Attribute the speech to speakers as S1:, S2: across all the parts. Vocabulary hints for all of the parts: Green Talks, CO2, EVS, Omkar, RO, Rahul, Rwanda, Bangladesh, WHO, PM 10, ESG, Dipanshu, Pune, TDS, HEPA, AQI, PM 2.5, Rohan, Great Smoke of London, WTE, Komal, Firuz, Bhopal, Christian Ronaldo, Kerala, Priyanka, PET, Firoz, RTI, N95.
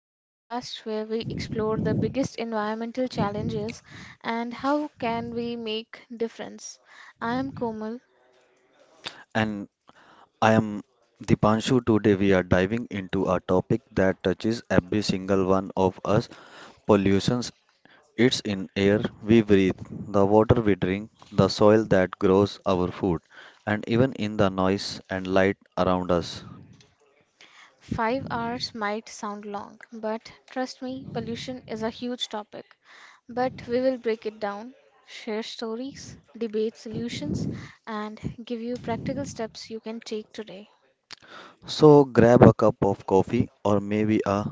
S1: the podcast where we explore the biggest environmental challenges and how can we make difference. I'm Komal.
S2: And I am Dipanshu. Today we are diving into a topic that touches every single one of us pollutions. It's in air we breathe, the water we drink, the soil that grows our food, and even in the noise and light around us.
S1: 5 hours might sound long, but trust me, pollution is a huge topic. But we will break it down, share stories, debate solutions and give you practical steps you can take today.
S2: So grab a cup of coffee or maybe a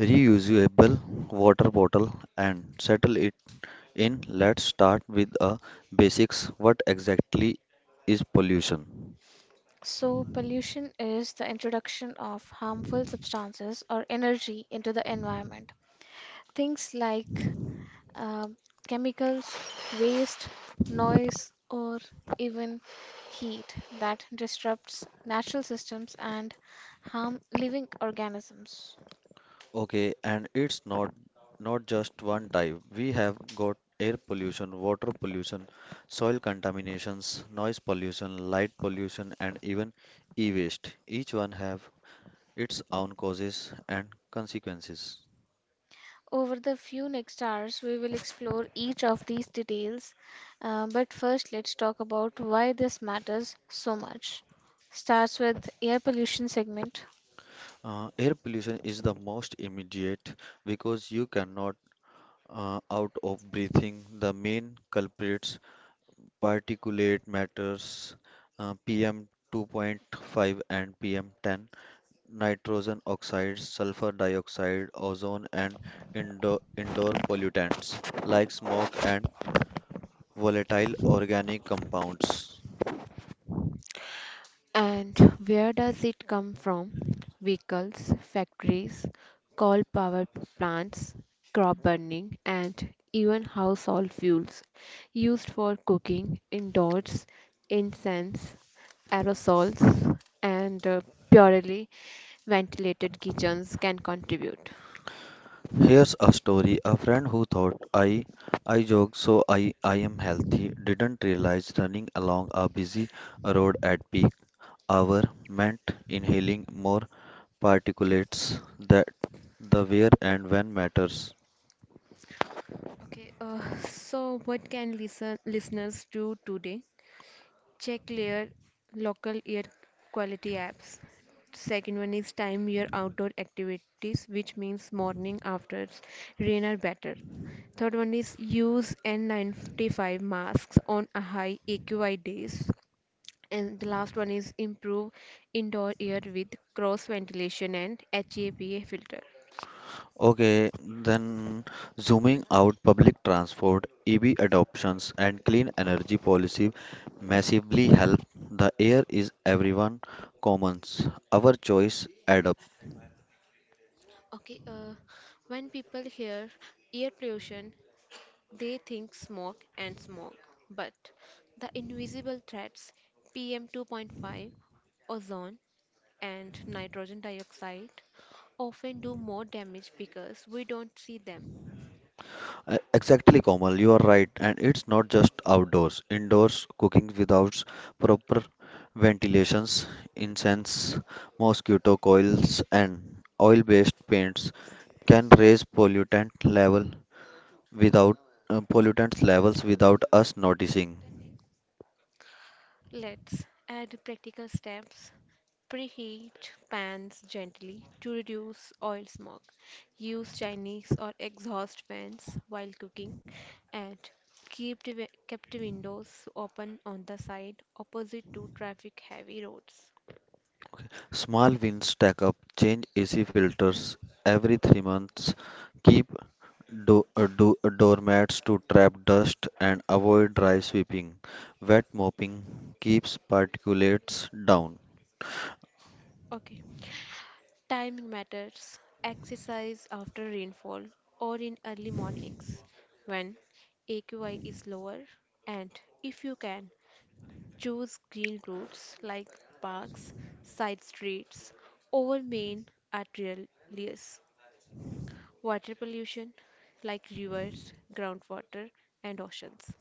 S2: reusable water bottle and settle it in. Let's start with a basics. What exactly is pollution?
S1: So, pollution is the introduction of harmful substances or energy into the environment. Things like uh, chemicals, waste, noise, or even heat that disrupts natural systems and harm living organisms.
S2: Okay, and it's not just one type. We have got air pollution, water pollution, soil contaminations, noise pollution, light pollution, and even e-waste. Each one have its own causes and consequences.
S1: Over the few next hours, we will explore each of these details. But first, let's talk about why this matters so much. Starts with air pollution segment.
S2: Air pollution is the most immediate because you cannot out of breathing. The main culprits, particulate matters, PM 2.5 and PM 10, nitrogen oxides, sulfur dioxide, ozone, and indoor pollutants like smoke and volatile organic compounds.
S1: And where does it come from? Vehicles, factories, coal power plants, crop burning, and even household fuels used for cooking, indoors, incense, aerosols, and purely ventilated kitchens can contribute.
S2: Here's a story: a friend who thought I jog, so I am healthy, didn't realize running along a busy road at peak hour meant inhaling more particulates. That, the where and when matters.
S1: Okay, so what can listeners do today? Check your local air quality apps. Second one is time your outdoor activities, which means morning after rain are better. Third one is use N95 masks on a high AQI days. And the last one is improve indoor air with cross ventilation and HEPA filter.
S2: Okay, then zooming out, public transport, EV adoptions, and clean energy policy massively help. The air is everyone commons. Our choice add up.
S1: Okay, uh, when people hear air pollution, they think smoke and smog, but the invisible threats PM 2.5, ozone, and nitrogen dioxide often do more damage because we don't see them.
S2: Exactly, Komal, you are right. And it's not just outdoors. Indoors, cooking without proper ventilations, incense, mosquito coils, and oil-based paints can raise pollutant level without pollutants levels without us noticing.
S1: Let's add practical steps. Preheat pans gently to reduce oil smoke. Use Chinese or exhaust fans while cooking and kept the windows open on the side opposite to traffic heavy roads.
S2: Okay. Small wins stack up: change AC filters every 3 months, keep doormats to trap dust, and avoid dry sweeping. Wet mopping keeps particulates down.
S1: Okay. Timing matters. Exercise after rainfall or in early mornings when AQI is lower and if you can choose green routes like parks, side streets, over main arterials, water pollution like rivers, groundwater, and oceans.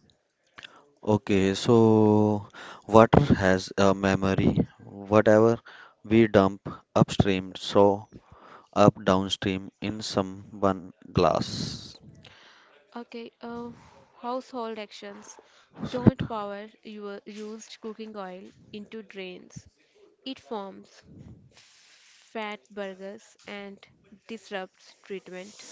S2: Okay, so water has a memory. Whatever we dump upstream, so up downstream in someone glass.
S1: Okay, uh, household actions.
S2: So,
S1: Don't power your used cooking oil into drains. It forms fat burgers and disrupts treatment.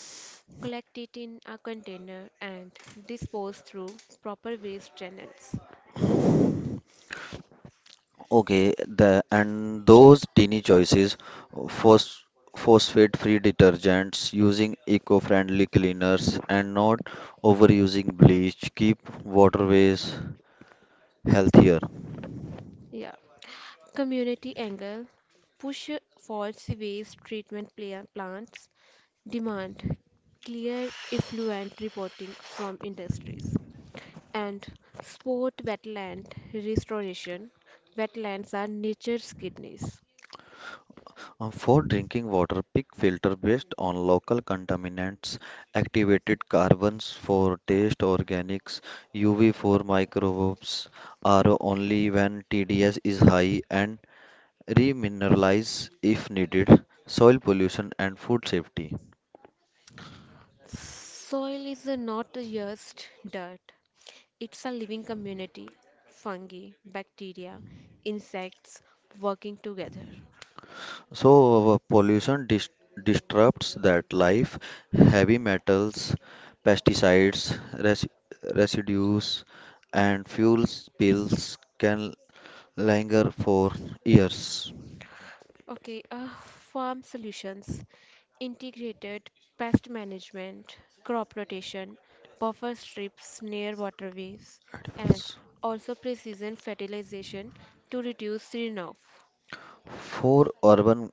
S1: Collect it in a container and dispose through proper waste channels.
S2: okay, the and those teeny choices, phos, phosphate-free detergents, using eco-friendly cleaners, and not overusing bleach keep waterways healthier.
S1: Yeah. Community angle push for sewage treatment plants, demand clear effluent reporting from industries, and sport wetland restoration. Wetlands are nature's kidneys.
S2: For drinking water, pick filter based on local contaminants, activated carbons for taste organics, UV for microbes are only when TDS is high, and remineralize if needed. Soil pollution and food safety.
S1: Soil is not just dirt, it's a living community, fungi, bacteria, insects working together.
S2: So, pollution disrupts that life: heavy metals, pesticides, res- residues, and fuel spills can linger for years.
S1: Okay, uh, farm solutions, integrated pest management, crop rotation, buffer strips near waterways, and
S2: Edibles.
S1: also precision fertilization to reduce runoff.
S2: For urban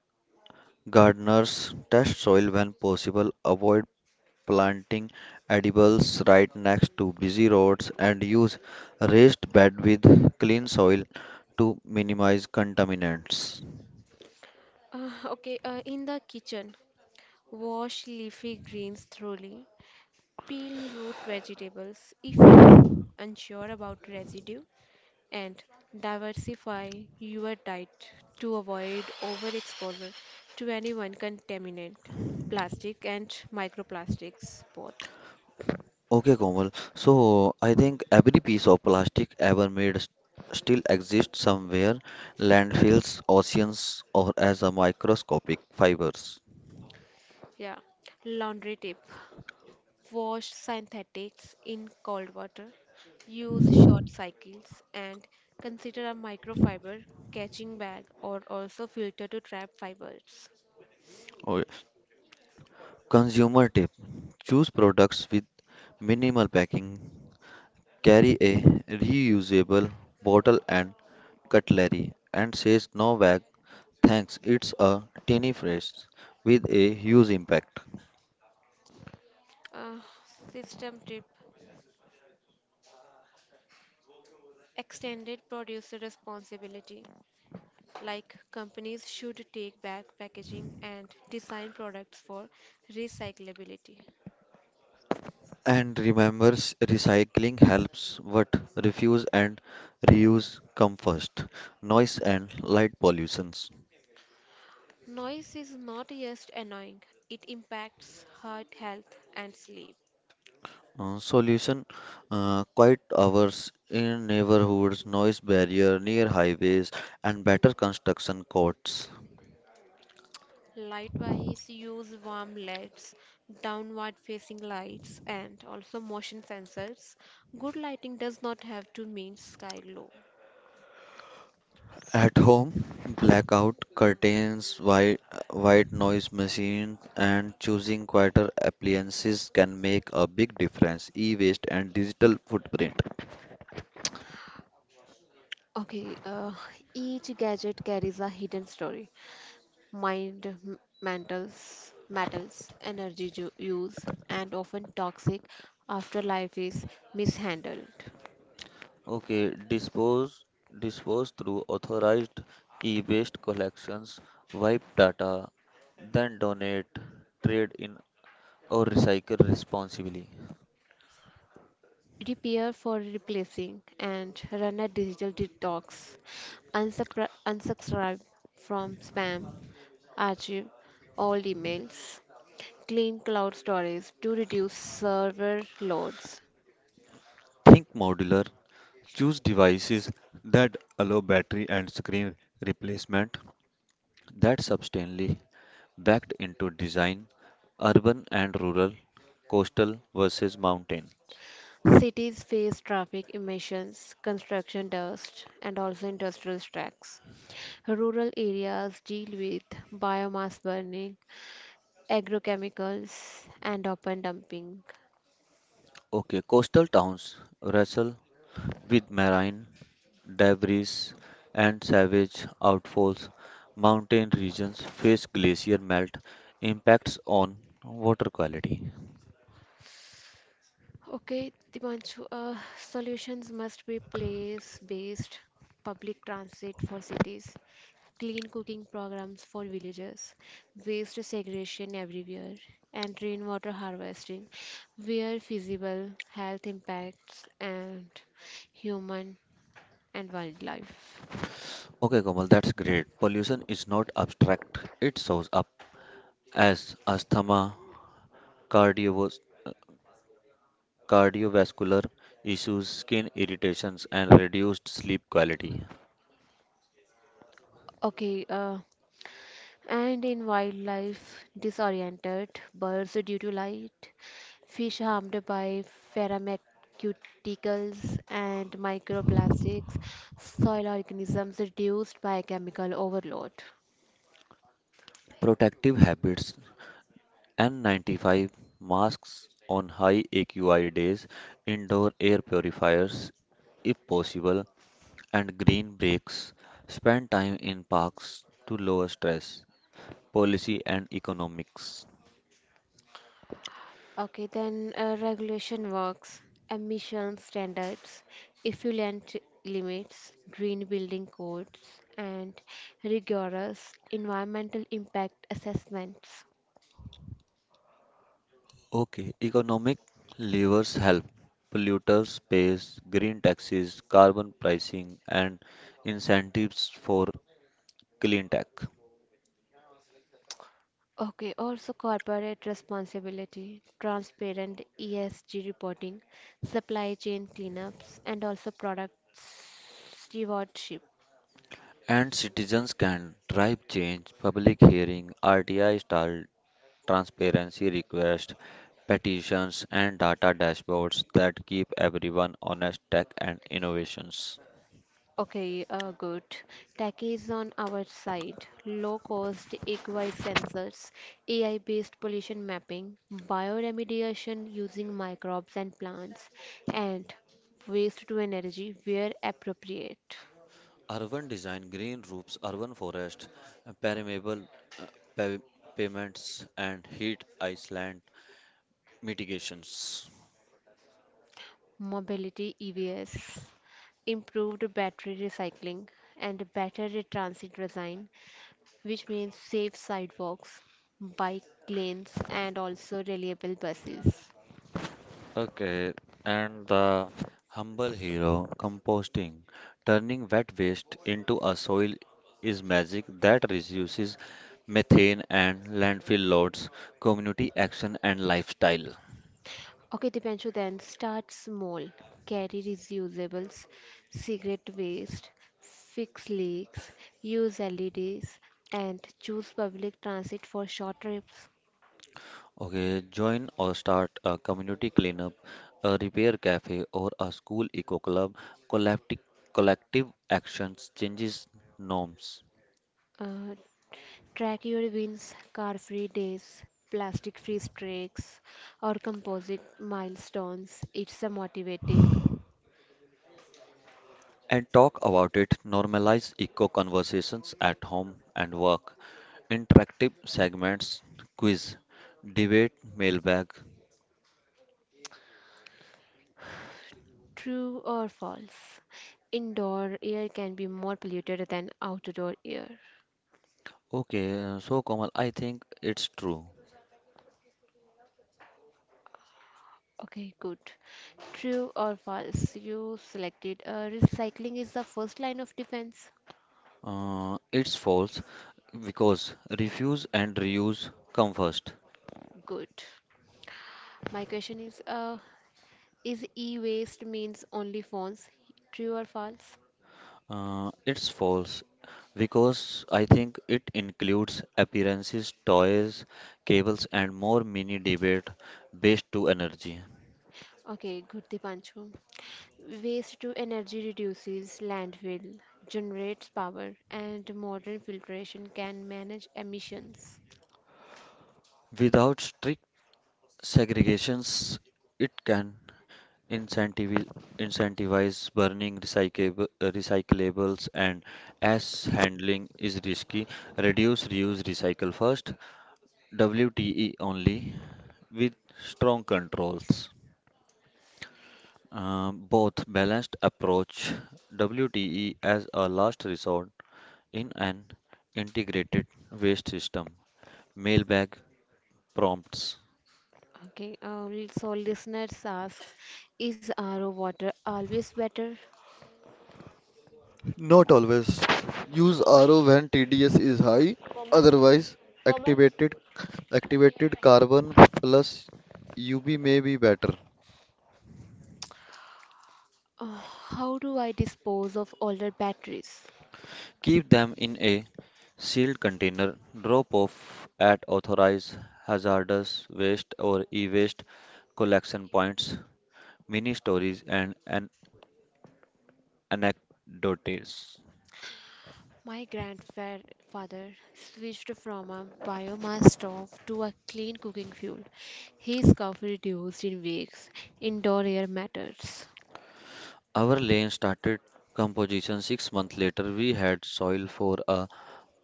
S2: gardeners, test soil when possible, avoid planting edibles right next to busy roads, and use raised bed with clean soil to minimize contaminants.
S1: Okay, in the kitchen, wash leafy greens thoroughly, peel root vegetables if you are unsure about residue, and diversify your diet to avoid overexposure to any one contaminant, plastic and microplastics both.
S2: Okay, Komal. So I think every piece of plastic ever made still exists somewhere: landfills, oceans, or as a microscopic fibers.
S1: Yeah. Laundry tip. Wash synthetics in cold water. Use short cycles and consider a microfiber catching bag or also filter to trap fibers.
S2: Okay. Consumer tip: choose products with minimal packing. Carry a reusable bottle and cutlery, and says no bag thanks. It's a tiny phrase with a huge impact.
S1: Uh, system tip. Extended producer responsibility. Like companies should take back packaging and design products for recyclability.
S2: And remembers recycling helps, but refuse and reuse come first. Noise and light pollutions.
S1: Noise is not just annoying, it impacts heart health and sleep.
S2: Solution, quiet hours in neighborhoods, noise barrier near highways, and better construction codes.
S1: Likewise, use warm LEDs, downward facing lights, and also motion sensors. Good lighting does not have to mean sky glow.
S2: At home, blackout curtains, white noise machine, and choosing quieter appliances can make a big difference. E-waste and digital footprint.
S1: Okay, uh, each gadget carries a hidden story. Mind mantles, matters, energy use, and often toxic afterlife is mishandled.
S2: Okay, dispose through authorized e-waste collections, wipe data, then donate, trade in, or recycle responsibly.
S1: Repair for replacing and run a digital detox. Unsubscribe from spam, archive all emails. Clean cloud storage to reduce server loads.
S2: Think modular. Choose devices that allow battery and screen replacement, that substantially backed into design. Urban and rural, coastal versus mountain.
S1: Cities face traffic emissions, construction dust, and also industrial strikes. Rural areas deal with biomass burning, agrochemicals, and open dumping.
S2: Okay, coastal towns wrestle with marine debris and savage outfalls. Mountain regions face glacier melt impacts on water quality.
S1: Okay, Dipanshu, solutions must be place-based public transit for cities, clean cooking programs for villages, waste segregation everywhere, and rainwater harvesting where feasible, health impacts, and human and wildlife.
S2: Okay, Komal, that's great. Pollution is not abstract, it shows up as asthma, cardiovas- cardiovascular issues, skin irritations, and reduced sleep quality.
S1: Okay, uh, and in wildlife, disoriented birds due to light, fish harmed by pharmaceuticals and microplastics, soil organisms reduced by chemical overload.
S2: Protective habits, and 95 masks on high AQI days, indoor air purifiers if possible, and green breaks. Spend time in parks to lower stress. Policy and economics.
S1: Okay, then regulation works, emission standards, effluent limits, green building codes, and rigorous environmental impact assessments.
S2: Okay, economic levers help. Polluters pays, green taxes, carbon pricing, and incentives for clean tech.
S1: Okay, also corporate responsibility, transparent ESG reporting, supply chain cleanups, and also product stewardship.
S2: And citizens can drive change: public hearing, RTI style transparency requests, petitions, and data dashboards that keep everyone honest. Tech and innovations.
S1: Okay, good. Tech is on our side. Low cost equi sensors, AI based pollution mapping, bioremediation using microbes and plants, and waste to energy where appropriate.
S2: Urban design, green roofs, urban forest, permeable uh, pa- pavements, and heat island mitigations.
S1: Mobility EVS, improved battery recycling, and better transit design, which means safe sidewalks, bike lanes, and also reliable buses.
S2: Okay, and the humble hero, composting, turning wet waste into a soil, is magic that reduces methane and landfill loads. Community action and lifestyle.
S1: Okay, Dipanshu, then start small. Carry reusables, cigarette waste, fix leaks, use LEDs, and choose public transit for short trips.
S2: Okay, join or start a community cleanup, a repair cafe, or a school eco club. Collective collective actions changes norms.
S1: Uh, track your wins, car free days, plastic free streaks, or composite milestones. It's a motivating.
S2: And talk about it, normalize eco conversations at home and work. Interactive segments: quiz, debate, mailbag.
S1: True or false? Indoor air can be more polluted than outdoor air.
S2: Okay, so Komal, I think it's true.
S1: Okay, good. True or false? You selected recycling is the first line of defense.
S2: It's false because refuse and reuse come first.
S1: Good. My question is, is e-waste means only phones? True or false?
S2: It's false because I think it includes appearances, toys, cables, and more. Mini debate: based to energy.
S1: Okay, good, Dipanshu. Waste to energy reduces landfill, generates power, and modern filtration can manage emissions.
S2: Without strict segregations, it can incentivize, incentivize burning recyclables, and as handling is risky. Reduce, reuse, recycle first. WTE only with strong controls. Both balanced approach, WTE as a last resort in an integrated waste system. Mailbag prompts.
S1: Okay, uh, so listeners ask, is RO water always better?
S2: Not always. Use RO when TDS is high, otherwise activated activated carbon plus UV may be better.
S1: Uh, how do I dispose of older batteries?
S2: Keep them in a sealed container, drop off at authorized hazardous waste or e-waste collection points. Mini stories and an anecdotes.
S1: My grandfather switched from a biomass stove to a clean cooking fuel. His coffee reduced in weeks. Indoor air matters.
S2: Our lane started composition 6 months later. We had soil for a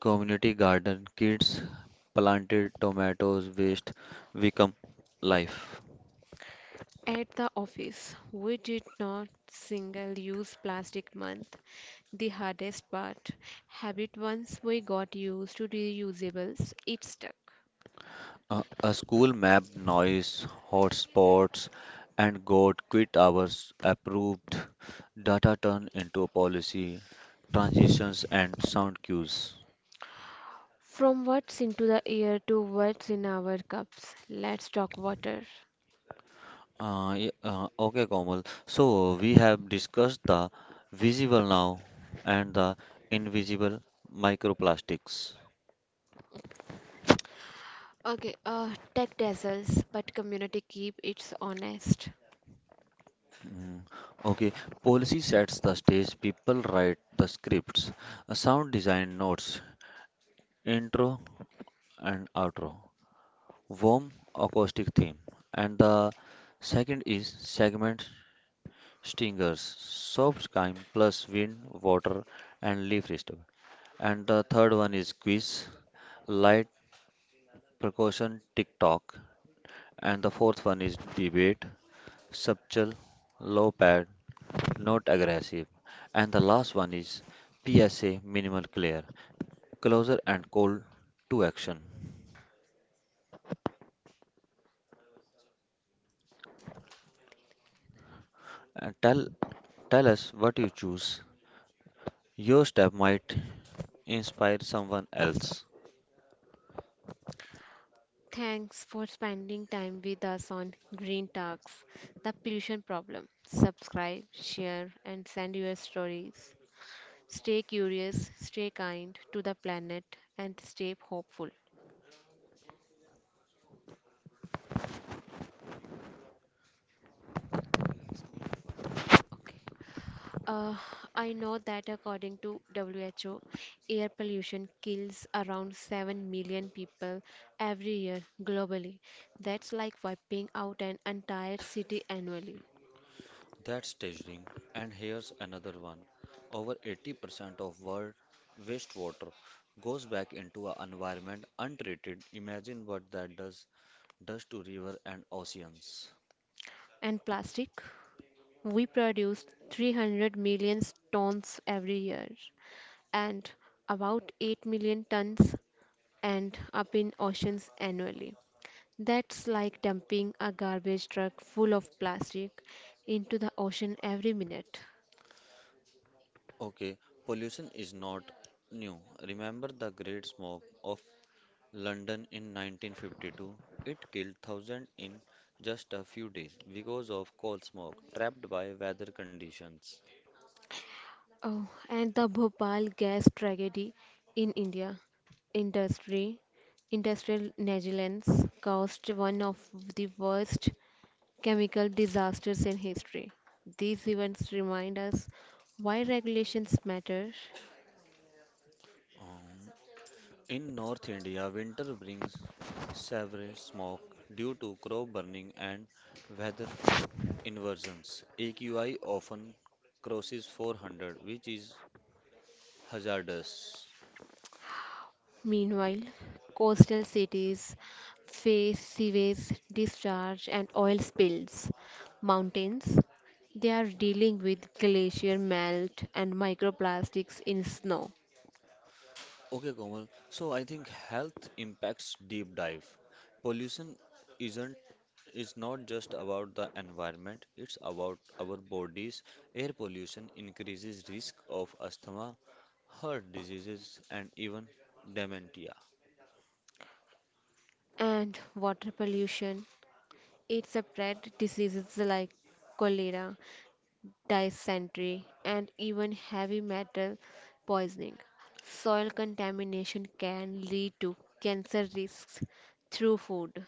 S2: community garden, kids planted tomatoes, waste become life.
S1: At the office, we did not single use plastic month. The hardest part, habit once we got used to reusables, it stuck.
S2: A school map, noise, hot spots, and goat quit hours approved. Data turned into policy, transitions, and sound cues.
S1: From what's into the air to what's in our cups, let's talk water.
S2: Okay, Komal. So we have discussed the visible, now, and the invisible microplastics.
S1: Okay, tech dazzles, but community keep it's honest.
S2: Mm, okay, policy sets the stage, people write the scripts. Sound design notes, intro and outro, warm acoustic theme. And the second is segment stingers, soft chime plus wind, water, and leaf disturb. And the third one is quiz, light percussion, tick tock. And the fourth one is debate, subtle, low pad, not aggressive. And the last one is PSA, minimal clear, closer and call to action. And tell us what you choose. Your step might inspire someone else.
S1: Thanks for spending time with us on Green Talks, the pollution problem. Subscribe, share, and send your stories. Stay curious, stay kind to the planet, and stay hopeful. Okay. Uh, I know that according to WHO, air pollution kills around 7 million people every year globally. That's like wiping out an entire city annually.
S2: That's staggering. And here's another one. Over 80% of world wastewater goes back into our environment untreated. Imagine what that does to river and oceans.
S1: And plastic? We produce 300 million tons every year, and about 8 million tons end up in oceans annually. That's like dumping a garbage truck full of plastic into the ocean every minute.
S2: Okay, pollution is not new. Remember the Great Smoke of London in 1952? It killed thousands in just a few days because of coal smoke trapped by weather conditions.
S1: Oh, and the Bhopal gas tragedy in India industry industrial negligence caused one of the worst chemical disasters in history. These events remind us why regulations matter.
S2: Um, in North India, winter brings severe smoke due to crop burning and weather inversions. AQI often crosses 400, which is hazardous.
S1: Meanwhile, coastal cities face sewage discharge and oil spills. Mountains, they are dealing with glacier melt and microplastics in snow.
S2: Okay, Komal. So I think health impacts deep dive. Pollution isn't is not just about the environment, it's about our bodies. Air pollution increases risk of asthma, heart diseases, and even dementia.
S1: And water pollution, it spread diseases like cholera, dysentery, and even heavy metal poisoning. Soil contamination can lead to cancer risks through food.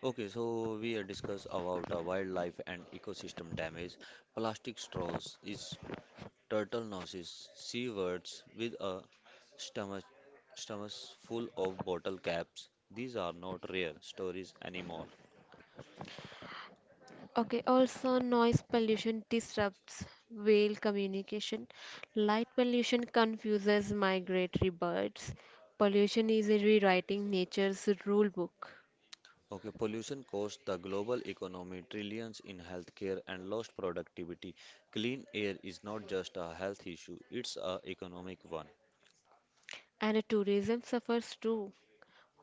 S2: Okay, so we are discuss about wildlife and ecosystem damage. Plastic straws is turtle noses seawards with a stomach, stomach full of bottle caps. These are not rare stories anymore.
S1: Okay, also noise pollution disrupts whale communication. Light pollution confuses migratory birds. Pollution is rewriting nature's rule book.
S2: Okay, pollution costs the global economy trillions in healthcare and lost productivity. Clean air is not just a health issue, it's a economic one.
S1: And tourism suffers too.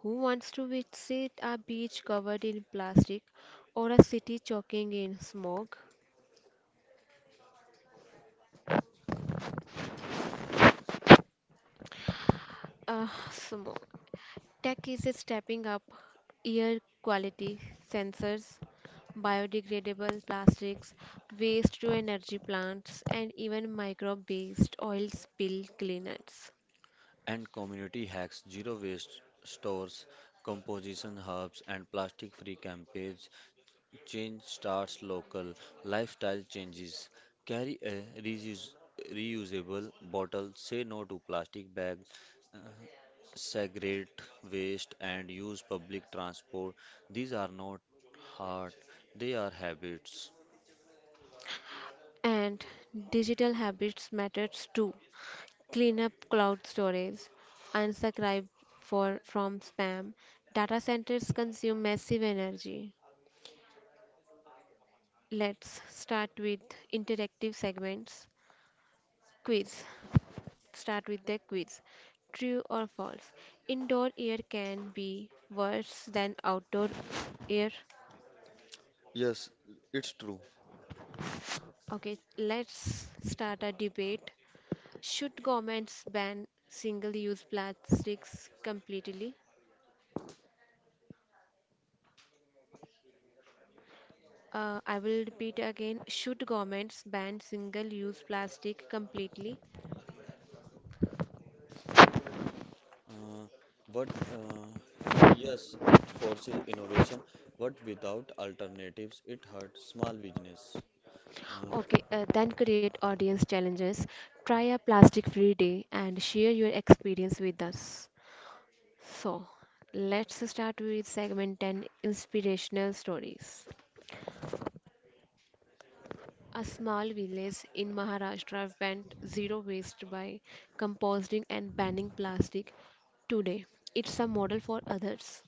S1: Who wants to visit a beach covered in plastic or a city choking in smog? Smog! Tech is stepping up air quality sensors, biodegradable plastics, waste to energy plants, and even microbe based oil spill cleaners.
S2: And community hacks: zero waste stores, composition hubs, and plastic free campaigns. Change starts local. Lifestyle changes. Carry a reusable bottle. Say no to plastic bags. Uh, Segregate waste and use public transport. These are not hard, they are habits.
S1: And digital habits matters too. Clean up cloud storage, unsubscribe from spam. Data centers consume massive energy. Let's start with interactive segments. Quiz. Start with the quiz. True or false? Indoor air can be worse than outdoor air.
S2: Yes, it's true.
S1: Okay, let's start a debate. Should governments ban single use plastics completely? I will repeat again. Should governments ban single-use plastic completely?
S2: Uh, what Yes, it forces innovation, but without alternatives, it hurts small business. Uh,
S1: Okay, then create audience challenges. Try a plastic free day and share your experience with us. So, let's start with segment 10 inspirational stories. A small village in Maharashtra went zero waste by composting and banning plastic today. It's a model for others.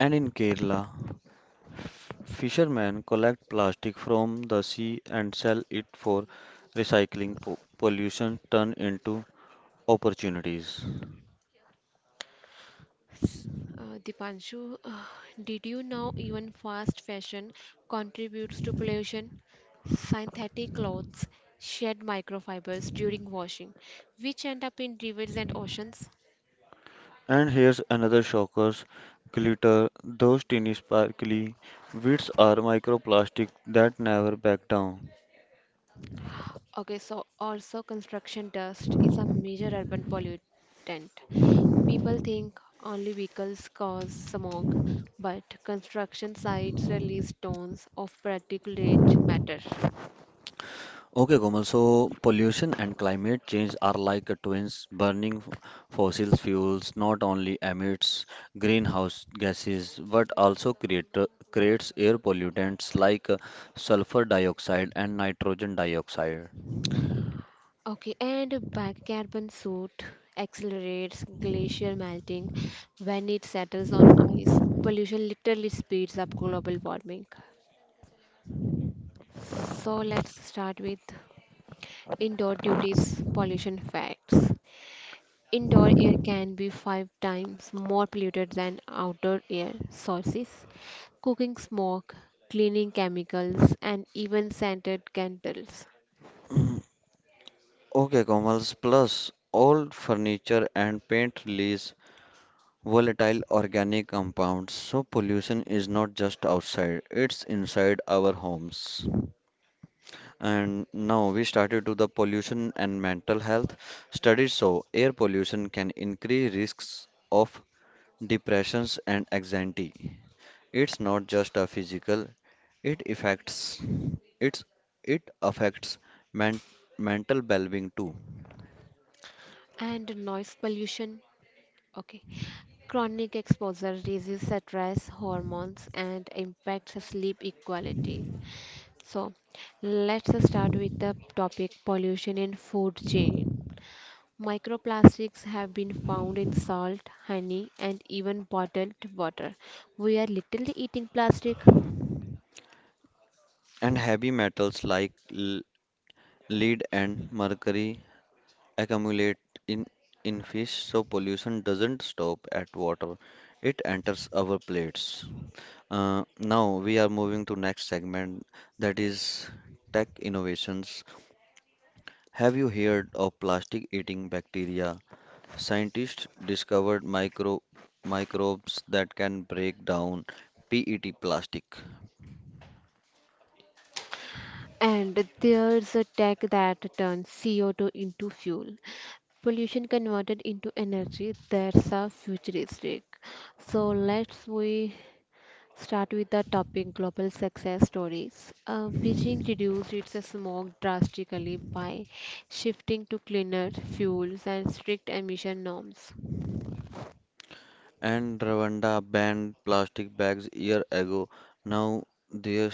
S2: and in Kerala, Fishermen collect plastic from the sea and sell it for recycling. Pollution turn into opportunities.
S1: Dipanshu, did you know even fast fashion contributes to pollution? Synthetic clothes shed microfibers during washing, which end up in rivers and oceans.
S2: And here's another shockers: glitter. Those teeny sparkly bits are microplastic that never back down.
S1: Okay, so also construction dust is a major urban pollutant. People think only vehicles cause smog, but construction sites release tons of particulate matter.
S2: Okay, Komal. So pollution and climate change are like a twins. Burning fossil fuels not only emits greenhouse gases but also creates air pollutants like sulfur dioxide and nitrogen dioxide.
S1: Okay, and a bicarbon soot accelerates glacier melting when it settles on ice. Pollution literally speeds up global warming. So let's start with indoor duties pollution facts. Indoor air can be five times more polluted than outdoor air sources. Cooking smoke, cleaning chemicals, and even scented candles.
S2: Okay, Komal. Plus, old furniture and paint release volatile organic compounds. So pollution is not just outside, it's inside our homes. And now we started to the pollution and mental health. Studies show air pollution can increase risks of depressions and anxiety. It's not just a physical, it affects it's it affects men, mental well-being too.
S1: And noise pollution. Okay. Chronic exposure raises stress hormones and impacts sleep quality. So, let's start with the topic pollution in food chain. Microplastics have been found in salt, honey, and even bottled water. We are literally eating plastic.
S2: And heavy metals like lead and mercury accumulate in in fish, so pollution doesn't stop at water. It enters our plates. Now we are moving to next segment, that is tech innovations. Have you heard of plastic eating bacteria? Scientists discovered microbes that can break down PET plastic.
S1: And there's a tech that turns CO2 into fuel. Pollution converted into energy, that's a futuristic. So let's we start with the topic global success stories. Beijing reduced its smog drastically by shifting to cleaner fuels and strict emission norms.
S2: And Rwanda banned plastic bags year ago. Now they're.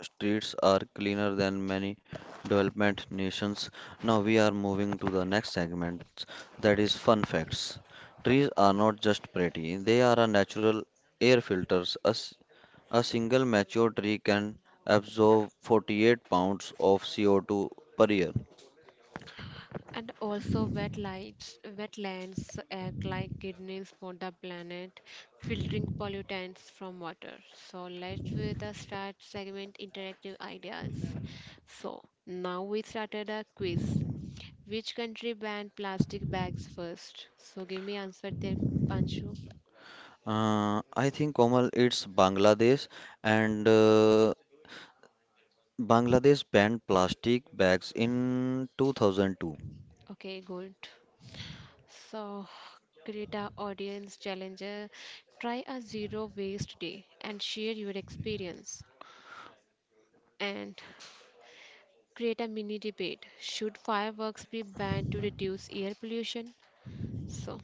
S2: Streets are cleaner than many development nations. Now we are moving to the next segment, that is fun facts. Trees are not just pretty, they are a natural air filters. A single mature tree can absorb 48 pounds of CO2 per year.
S1: And also wet lights, wetlands act like kidneys for the planet, filtering pollutants from water. So let's with the start segment interactive ideas. So now we started a quiz. Which country banned plastic bags first? So give me answer there, Panchu.
S2: I think Komal, it's Bangladesh, and Bangladesh banned plastic bags in 2002.
S1: Okay, good. So create a audience challenger. Try a zero waste day and share your experience. And create a mini debate. Should fireworks be banned to reduce air pollution? So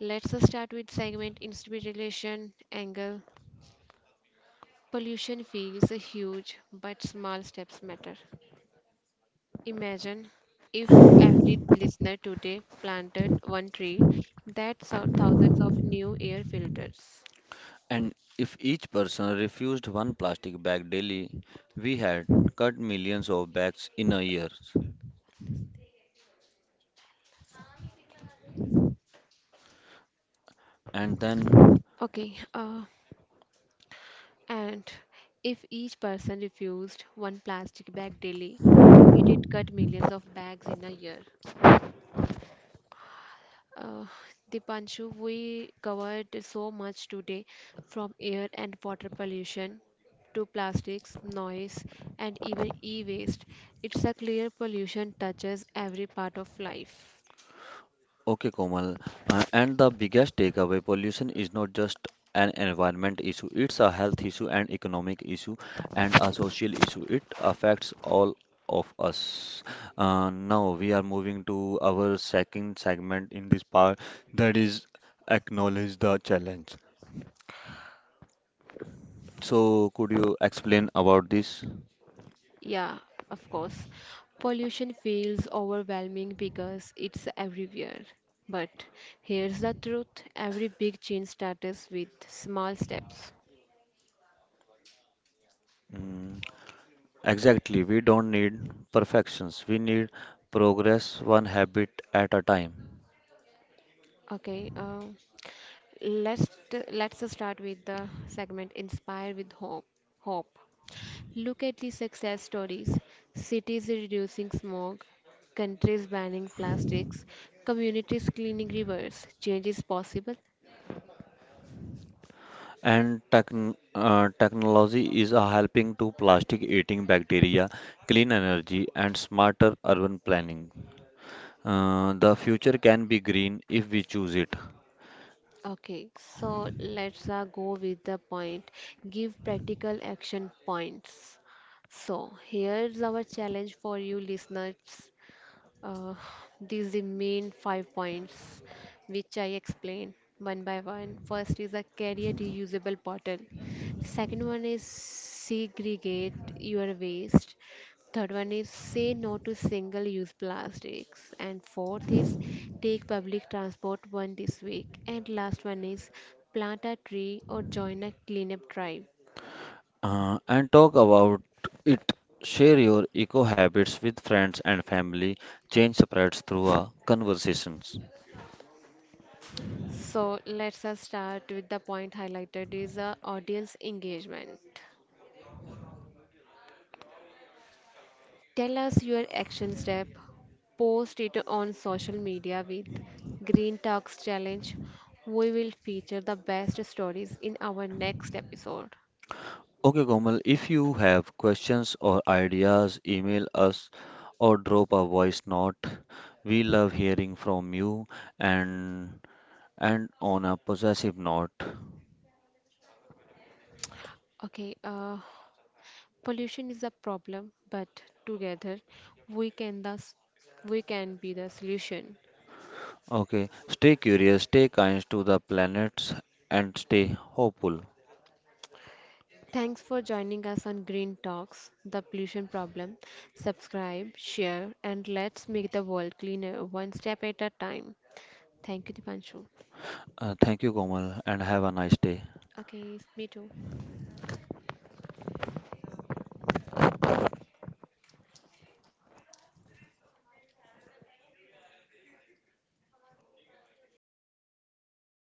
S1: let's start with segment inspiration angle. Pollution feels huge, but small steps matter. Imagine if every listener today planted one tree, that's thousands of new air filters.
S2: And if each person refused one plastic bag daily, we had cut millions of bags in a year. And then,
S1: Okay, uh, and if each person refused one plastic bag daily, we did cut millions of bags in a year. Uh, Dipanshu, we covered so much today from air and water pollution to plastics, noise, and even e waste. It's a clear pollution touches every part of life.
S2: okay, Komal, and the biggest takeaway, pollution is not just an environment issue, it's a health issue, an economic issue, and a social issue. It affects all of us. Now we are moving to our second segment in this part, that is acknowledge the challenge. So, could you explain about this?
S1: Yeah, of course. Pollution feels overwhelming because it's everywhere. But here's the truth, every big change starts with small steps.
S2: Mm, exactly. We don't need perfections. We need progress one habit at a time.
S1: Okay, uh, let's start with the segment Inspire with Hope. Hope. Look at the success stories. Cities reducing smog, countries banning plastics, communities cleaning rivers. Change is possible.
S2: And techn Technology is a helping to plastic eating bacteria, clean energy, and smarter urban planning. The future can be green if we choose it.
S1: Okay, so let's go with the point. Give practical action points. So here's our challenge for you listeners. Uh, these the main 5 points which I explain one by one. First is a carry a reusable bottle. Second one is segregate your waste. Third one is say no to single use plastics. And fourth is take public transport one this week. And last one is plant a tree or join a cleanup drive.
S2: And talk about it. Share your eco habits with friends and family. Change spreads through a conversations.
S1: So let's us start with the point highlighted is audience engagement. Tell us your action step. Post it on social media with Green Talks Challenge. We will feature the best stories in our next episode.
S2: Okay, Komal, if you have questions or ideas, email us or drop a voice note. We love hearing from you, and on a possessive note.
S1: Okay, uh, pollution is a problem, but together we can thus we can be the solution.
S2: Okay, stay curious, stay kind to the planets, and stay hopeful.
S1: Thanks for joining us on Green Talks, the pollution problem. Subscribe, share, and let's make the world cleaner one step at a time. Thank you, Dipanshu.
S2: Thank you, Komal, and have a nice day.
S1: Okay, me too.